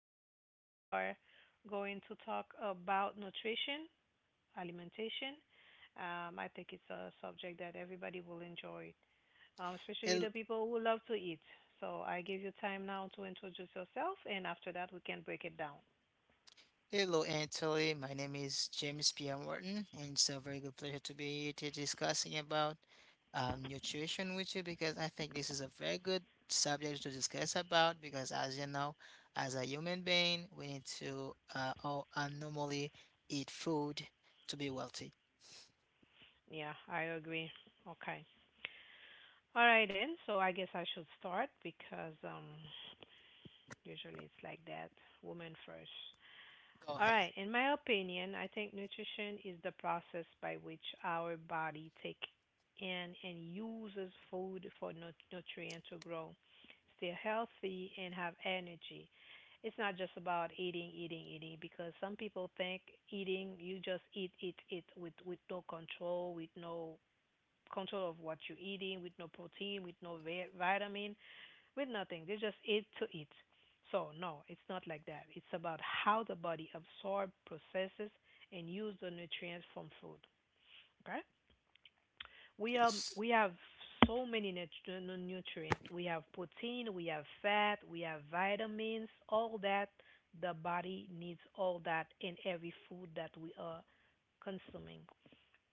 Today we are going to talk about nutrition, alimentation. I think it's a subject that everybody will enjoy, especially Hel- the people who love to eat. So I give you time now to introduce yourself, and after that we can break it down. Hello, Anthony. My name is James P. M. Wharton, and it's a very good pleasure to be here to discussing about nutrition with you because I think this is a very good subject to discuss about because, as you know, as a human being, we need to all, normally eat food to be wealthy. Yeah, I agree. Okay. All right then. So I guess I should start because usually it's like that. Women first. Go All ahead. right. In my opinion, I think nutrition is the process by which our body take in and uses food for nutrient to grow, stay healthy, and have energy. It's not just about eating, eating, eating. Because some people think eating, you just eat, eat, eat with no control, with no control of what you're eating, with no protein, with no vitamin, with nothing. They just eat to eat. So, no, it's not like that. It's about how the body absorbs, processes, and use the nutrients from food. Okay? We, um, Yes. we have so many nutrients. We have protein, we have fat, we have vitamins, all that. The body needs all that in every food that we are consuming.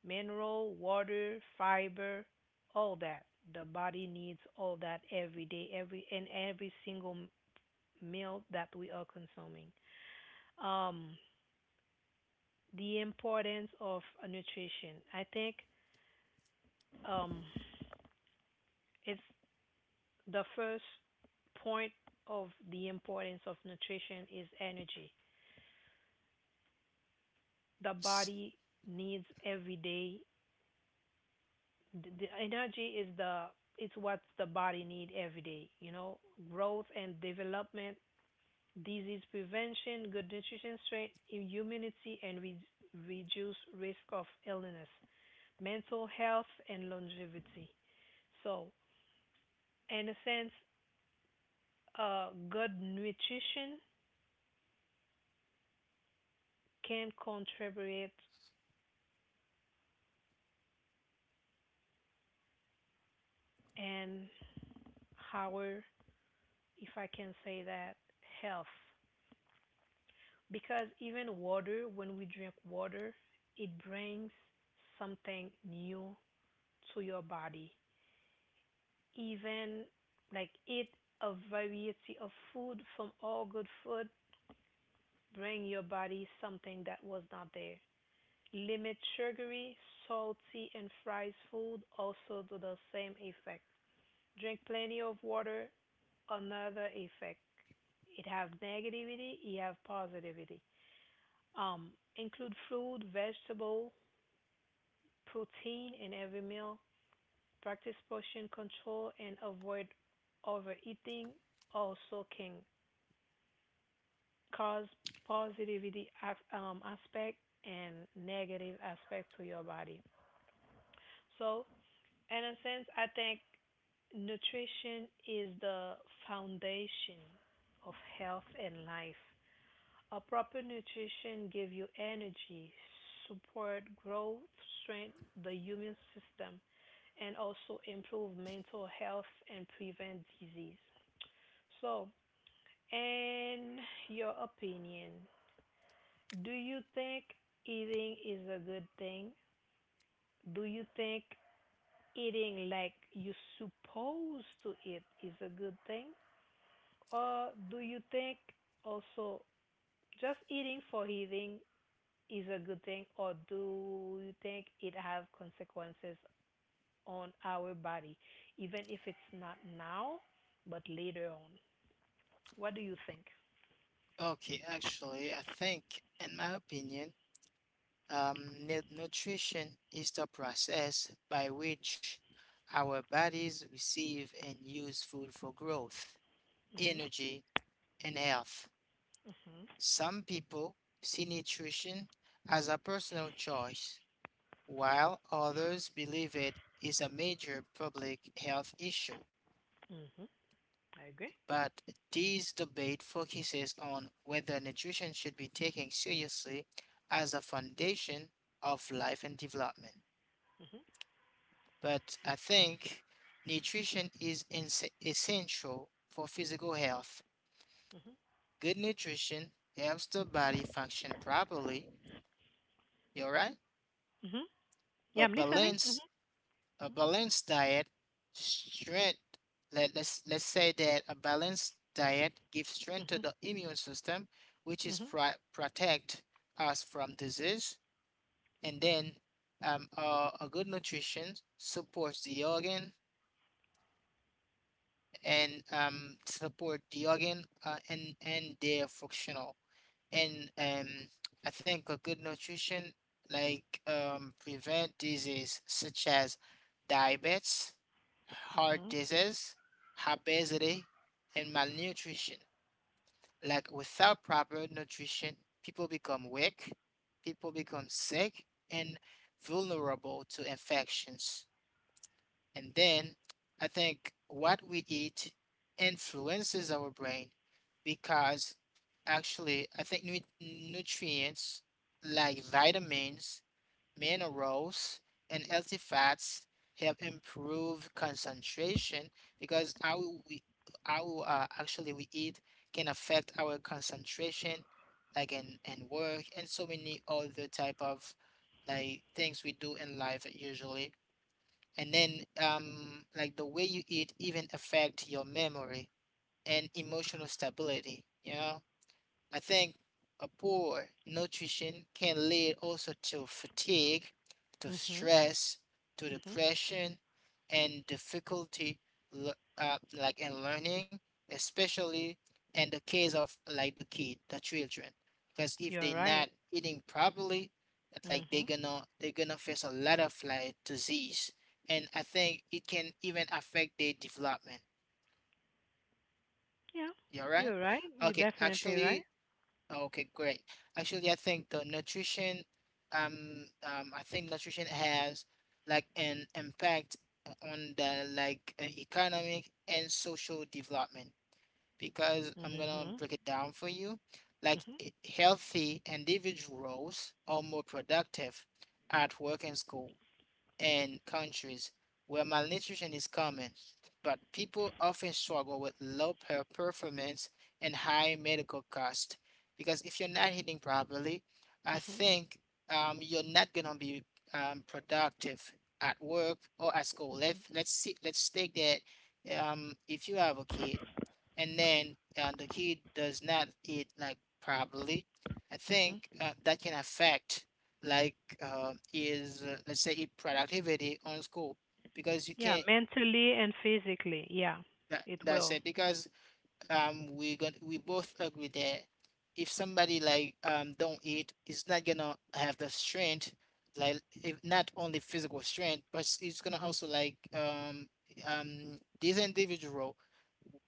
Mineral, water, fiber, all that. The body needs all that every day, every in every single meal that we are consuming. Um, the importance of nutrition. I think um, it's the first point of the importance of nutrition is energy. The S- body needs every day. The energy is the it's what the body need every day. You know, growth and development, disease prevention, good nutrition, strength, immunity, and reduce risk of illness, mental health and longevity. So, in a sense, good nutrition can contribute and our, if I can say that, health. Because even water, when we drink water, it brings something new to your body. Even like eat a variety of food from all good food, bring your body something that was not there. Limit sugary, salty, and fried food also do the same effect. Drink plenty of water, another effect. It have negativity, it have positivity. Um, Include fruit, vegetable, protein in every meal. Practice portion control and avoid overeating. Also can cause positivity aspect and negative aspect to your body. So, in a sense, I think nutrition is the foundation of health and life. A proper nutrition gives you energy, support growth, strength the immune system, and also improve mental health and prevent disease. So, in your opinion, do you think eating is a good thing? Do you think eating like you supposed to eat is a good thing? Or do you think also just eating for eating is a good thing, or do you think it have consequences on our body, even if it's not now, but later on? What do you think? Okay, actually, I think, in my opinion, nutrition is the process by which our bodies receive and use food for growth, energy, and health. Mm-hmm. Some people see nutrition as a personal choice, while others believe it is a major public health issue. Mm-hmm. I agree. But this debate focuses on whether nutrition should be taken seriously as a foundation of life and development. Mm-hmm. But I think nutrition is essential for physical health. Good nutrition helps the body function properly. You're right. Mm-hmm. Yeah, A I'm listening. Mm-hmm. balanced a balanced diet strength. Let's say that a balanced diet gives strength to Mm-hmm. the immune system, which is Mm-hmm. Protect us from disease. And then a good nutrition supports the organ and support the organ and their functional. And I think a good nutrition like prevent disease such as diabetes, heart Mm-hmm. disease, obesity, and malnutrition. Like without proper nutrition, people become weak, people become sick, and vulnerable to infections. And then I think what we eat influences our brain because actually, I think nutrients like vitamins, minerals, and healthy fats help improve concentration because how we how actually we eat can affect our concentration like in work and so many other type of like things we do in life usually. And then like the way you eat even affect your memory and emotional stability, you know. I think a poor nutrition can lead also to fatigue, to Mm-hmm. stress, to depression, and difficulty like in learning, especially in the case of like the children. Because if You're they're right. not eating properly, like Mm-hmm. they're gonna face a lot of like disease, and I think it can even affect their development. Yeah, You alright? you're right. You're Okay, definitely right. actually, Okay, great. Actually, I think um, I think nutrition has like an impact on the like economic and social development because I'm gonna Mhm. break it down for you. Like Mhm. Healthy individuals are more productive at work and school, in countries where malnutrition is common, but people often struggle with low performance and high medical cost. Because if you're not eating properly, I Mhm. think you're not gonna be productive at work or at school. Let's take that if you have a kid and then the kid does not eat like properly, I Mhm. think that can affect like is let's say it productivity on scope because you Yeah, can't. mentally and physically. Yeah, That, it that's will. it because we got we both agree that if somebody like don't eat, it's not gonna have the strength like, if not only physical strength, but it's gonna Mhm. also like this individual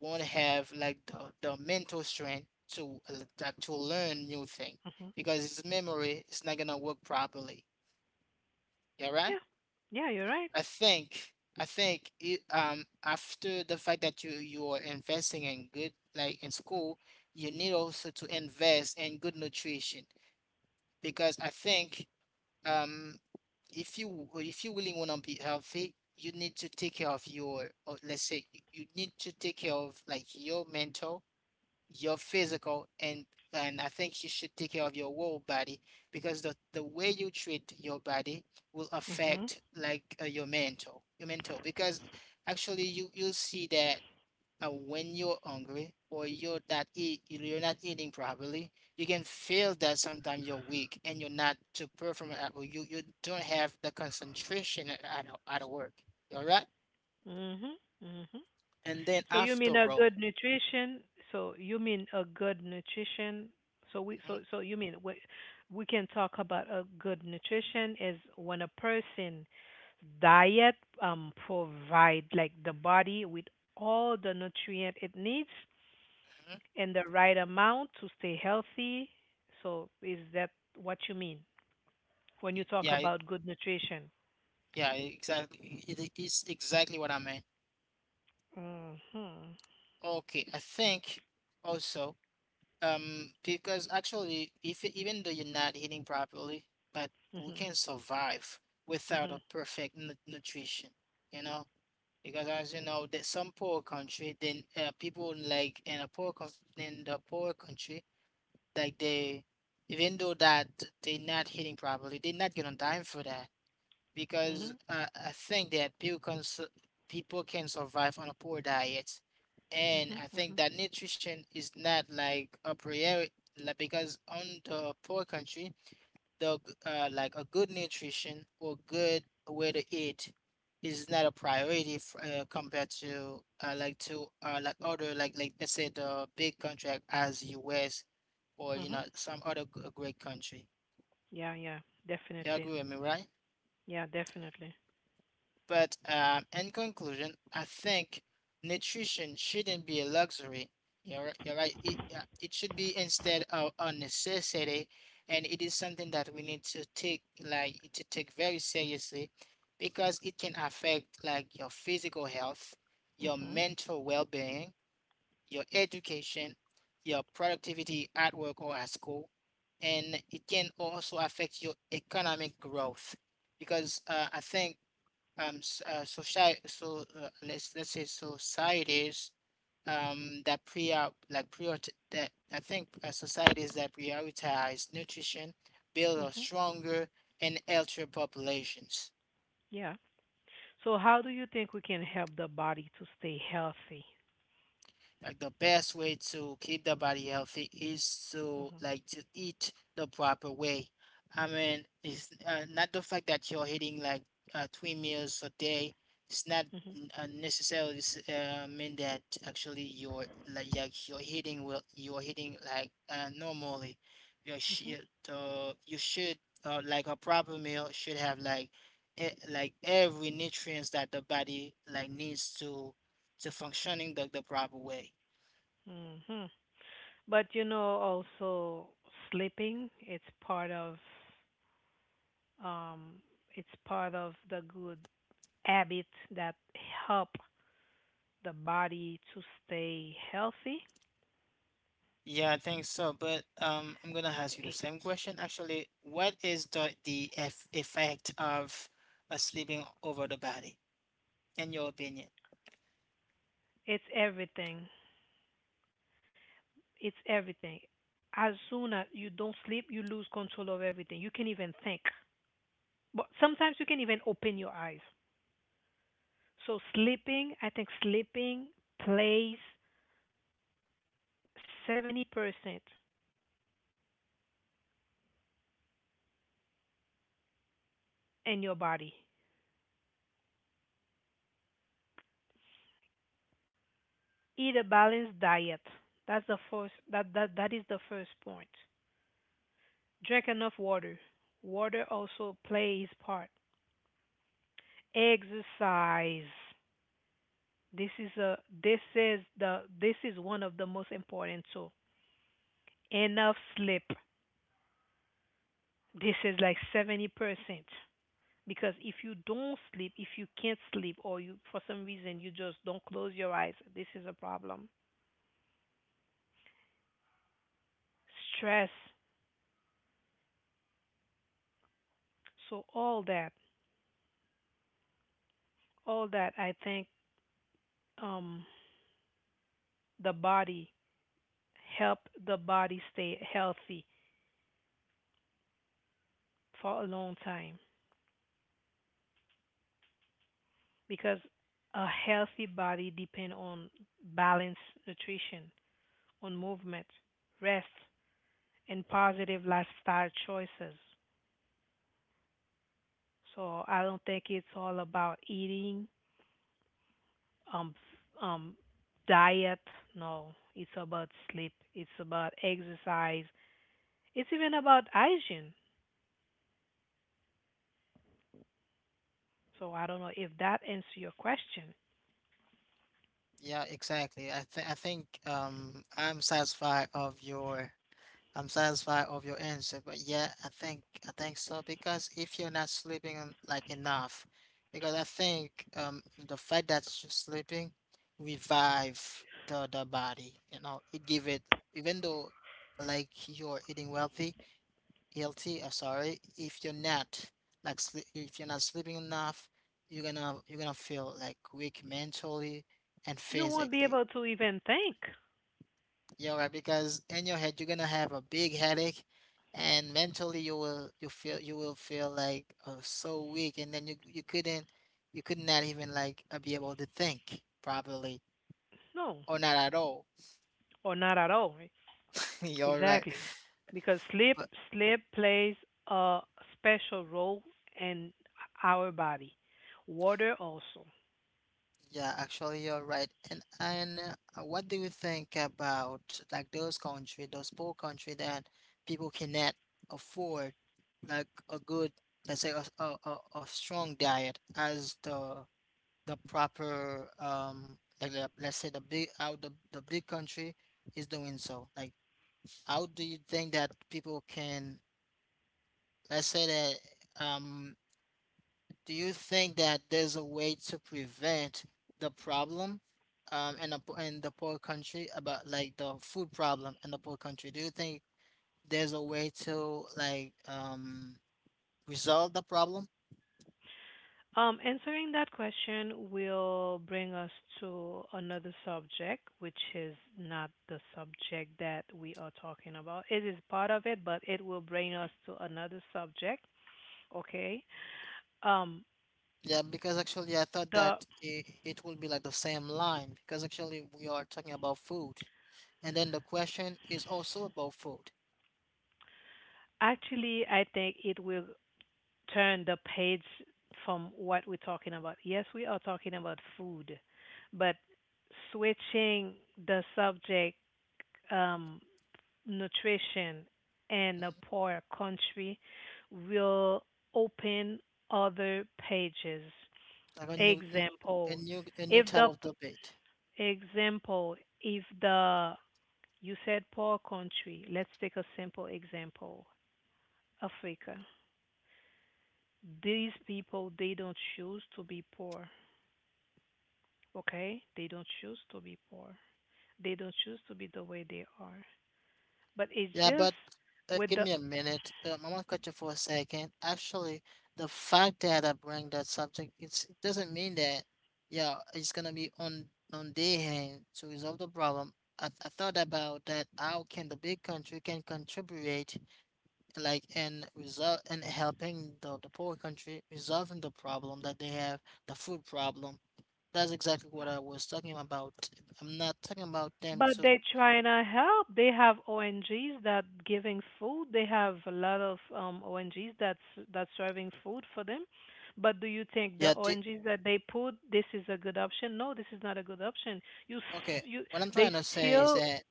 won't have like the mental strength to like, to learn new thing Mhm. because his memory is not gonna work properly. Yeah, right. Yeah. Yeah, you're right. I think I think it, after the fact that you are investing in good like in school, you need also to invest in good nutrition because I think um if you really want to be healthy, you need to take care of your, or let's say you you need to take care of like your mental, your physical, and I think you should take care of your whole body because the way you treat your body will Mhm. affect like your mental, your mental. Because actually you you'll see that when you're hungry or you're not eat you're not eating properly, you can feel that sometimes you're weak and you're not to perform at, or you don't have the concentration at at work. All right, Mhm. Mhm. and then So you mean after a all. good nutrition? So you mean a good nutrition? So we Mhm, so so you mean we can talk about a good nutrition is when a person diet provide like the body with all the nutrient it needs, mhm, and the right amount to stay healthy. So, is that what you mean when you talk yeah. about good nutrition? Yeah, exactly. It is exactly what I meant. Mhm. Okay, I think also, because actually, if even though you're not eating properly, but we Mhm. can survive without Mhm. a perfect nu nutrition, you know? Because as you know, that some poor country, then people like in a in the poor country, like they, even though that they're not eating properly, they're not gonna die for that. Because Mhm. I think that people can survive on a poor diet, and I Mhm. think that nutrition is not like a priority, like, because on the poor country, the like a good nutrition or good way to eat is not a priority f compared to like other like let's say the big country as U.S. or you Mhm. know some other great country. Yeah, yeah. You Definitely. agree with me, right? Yeah, definitely. But in conclusion, I think nutrition shouldn't be a luxury. You're right. It, it should be instead of a necessity, and it is something that we need to take like to take very seriously, because it can affect like your physical health, your Mhm. mental well-being, your education, your productivity at work or at school, and it can also affect your economic growth because I think society, so let's say societies that pre like prior that I think societies that prioritize nutrition build a Mhm. stronger and healthier populations. Yeah. So, how do you think we can help the body to stay healthy? Like the best way to keep the body healthy is to Mhm. like to eat the proper way. I mean, it's not the fact that you're eating like three meals a day. It's not Mhm. Necessarily mean that actually you're like you're eating well. You're eating like normally. Mhm. You should like a proper meal should have like like every nutrients that the body like needs to functioning the proper way. Mhm. But you know, also sleeping, it's um part of the good habits that help the body to stay healthy, Yeah, I think so. But I'm gonna ask you the i- same question actually. What is the effect of sleeping over the body, in your opinion? it's everything. It's everything. As soon as you don't sleep, you lose control of everything. You can't even think. But sometimes you can even open your eyes. So sleeping, I think sleeping plays 70% in your body. Eat a balanced diet. That is the first point. Drink enough water. Water also plays part. Exercise. This is one of the most important too. Enough sleep. This is like 70%, because if you don't sleep, if you can't sleep or you for some reason you just don't close your eyes, this is a problem. Stress. So all that I think um the body help the body stay healthy for a long time, because a healthy body depends on balanced nutrition, on movement, rest, and positive lifestyle choices. So I don't think it's all about eating, um, f- um, diet. No, it's about sleep. It's about exercise. It's even about hygiene. So I don't know if that answers your question. Yeah, exactly. I think I'm satisfied of your answer, but yeah, I think so because if you're not sleeping like enough, because I think the fact that you're sleeping revive the body, you know, it give it even though like you're eating wealthy, healthy, sorry, if you're not like sle if you're not sleeping enough, you're gonna feel like weak mentally and You won't be physically. able to even think. You're right, because in your head you're gonna have a big headache, and mentally you feel you will feel like so weak, and then you could not even like be able to think properly No, or not at all. or not at all. You're right, Exactly. Because sleep but sleep plays a special role in our body. Water also. yeah, actually you're right. And what do you think about like those country, those poor country that people cannot afford like a good, let's say a strong diet as the proper like the, let's say the big country is doing, so like how do you think that people can let's say that do you think that there's a way to prevent the problem in a in the poor country about like the food problem in the poor country? Do you think there's a way to like resolve the problem? Answering that question will bring us to another subject, which is not the subject that we are talking about. It is part of it, but it will bring us to another subject. Okay. Um, Yeah, because actually I thought that the it will be like the same line because actually we are talking about food. And then the question is also about food. Actually, I think it will turn the page from what we're talking about. Yes, we are talking about food, but switching the subject, um, nutrition in a Mhm. poor country will open other pages. Like a new Example, a new if type the of debate. example, if the you said poor country, let's take a simple example, Africa. These people they don't choose to be poor. Okay? They don't choose to be poor. They don't choose to be the way they are. But it's Yeah, just but with give the me a minute. I want to cut you for a second. Actually, the fact that I bring that subject, it's, it doesn't mean that yeah, it's gonna be on their hand to resolve the problem. I thought about that. How can the big country can contribute like and resolve and helping the poor country resolving the problem that they have, the food problem? That's exactly what I was talking about. I'm not talking about them but to they trying to help. They have ONGs that giving food. They have a lot of ONGs that's serving food for them. But do you think the yeah the, ONGs that they put this is a good option? No, this is not a good option. You okay. s- you What I'm They trying to say is still. that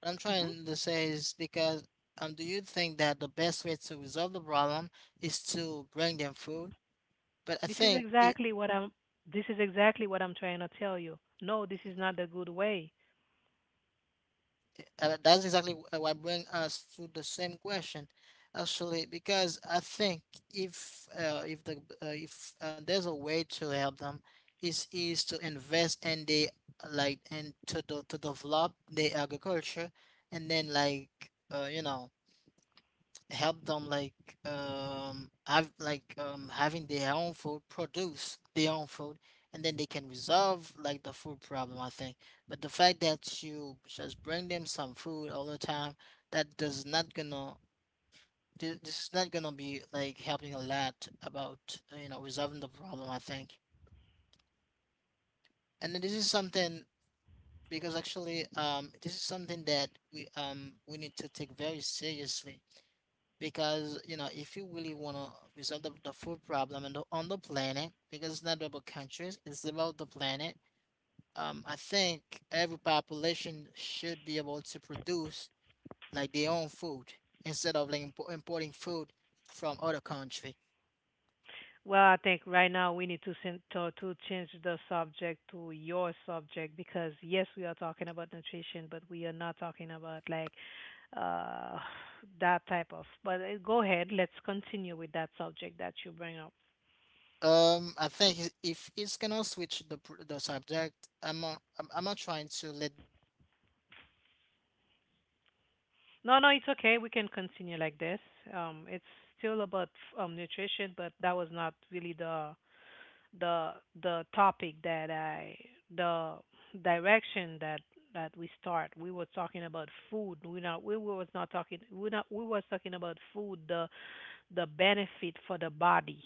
what I'm Mhm. trying to say is because do you think that the best way to resolve the problem is to bring them food? But I this is think i. exactly what I'm this is exactly what I'm trying to tell you. No, this is not the good way. That's exactly what brings us to the same question, actually, because I think if the if there's a way to help them is to invest in the like and to the, to develop the agriculture, and then like you know, help them like have like having their own food, produce their own food, and then they can resolve like the food problem, I think. But the fact that you just bring them some food all the time, that does not gonna this is not gonna be like helping a lot about you know, resolving the problem, I think. And then this is something, because actually this is something that we need to take very seriously, because you know, if you really want to resolve the food problem and the, on the planet, because it's not about countries, it's about the planet, I think every population should be able to produce like their own food instead of like importing food from other country. Well, I think right now we need to to change the subject to your subject, because yes, we are talking about nutrition, but we are not talking about like uh that type of. But go ahead, let's continue with that subject that you bring up. I think if it's gonna switch the the subject, I'm not trying to let down on the question that I just asked. No, no, Let's it's move okay. We on the can same continue line on the like this. same page, It's like the still nutrition about page. Nutrition, but that was not Let's keep really up with the the nutrition the like page topic instead that of I the question that I the just asked. direction that we start. We were talking about food. We not we was not talking we not We You're was with me, talking right? about food, the benefit for the body. Hello,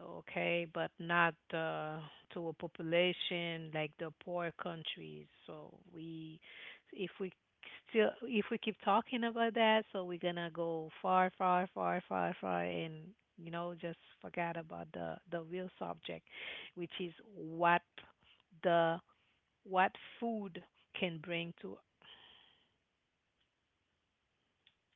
Okay, but Anthony, not are you there with me? to a Can you hear me, population like the poor countries. So we, if we if we Anthony? keep talking about that, so we're gonna go far, far, far, far, far, and Anthony, do just you have forget like about some the connection the real problem because subject, I cannot hear you which is anymore? The what food can bring to Anthony, hello,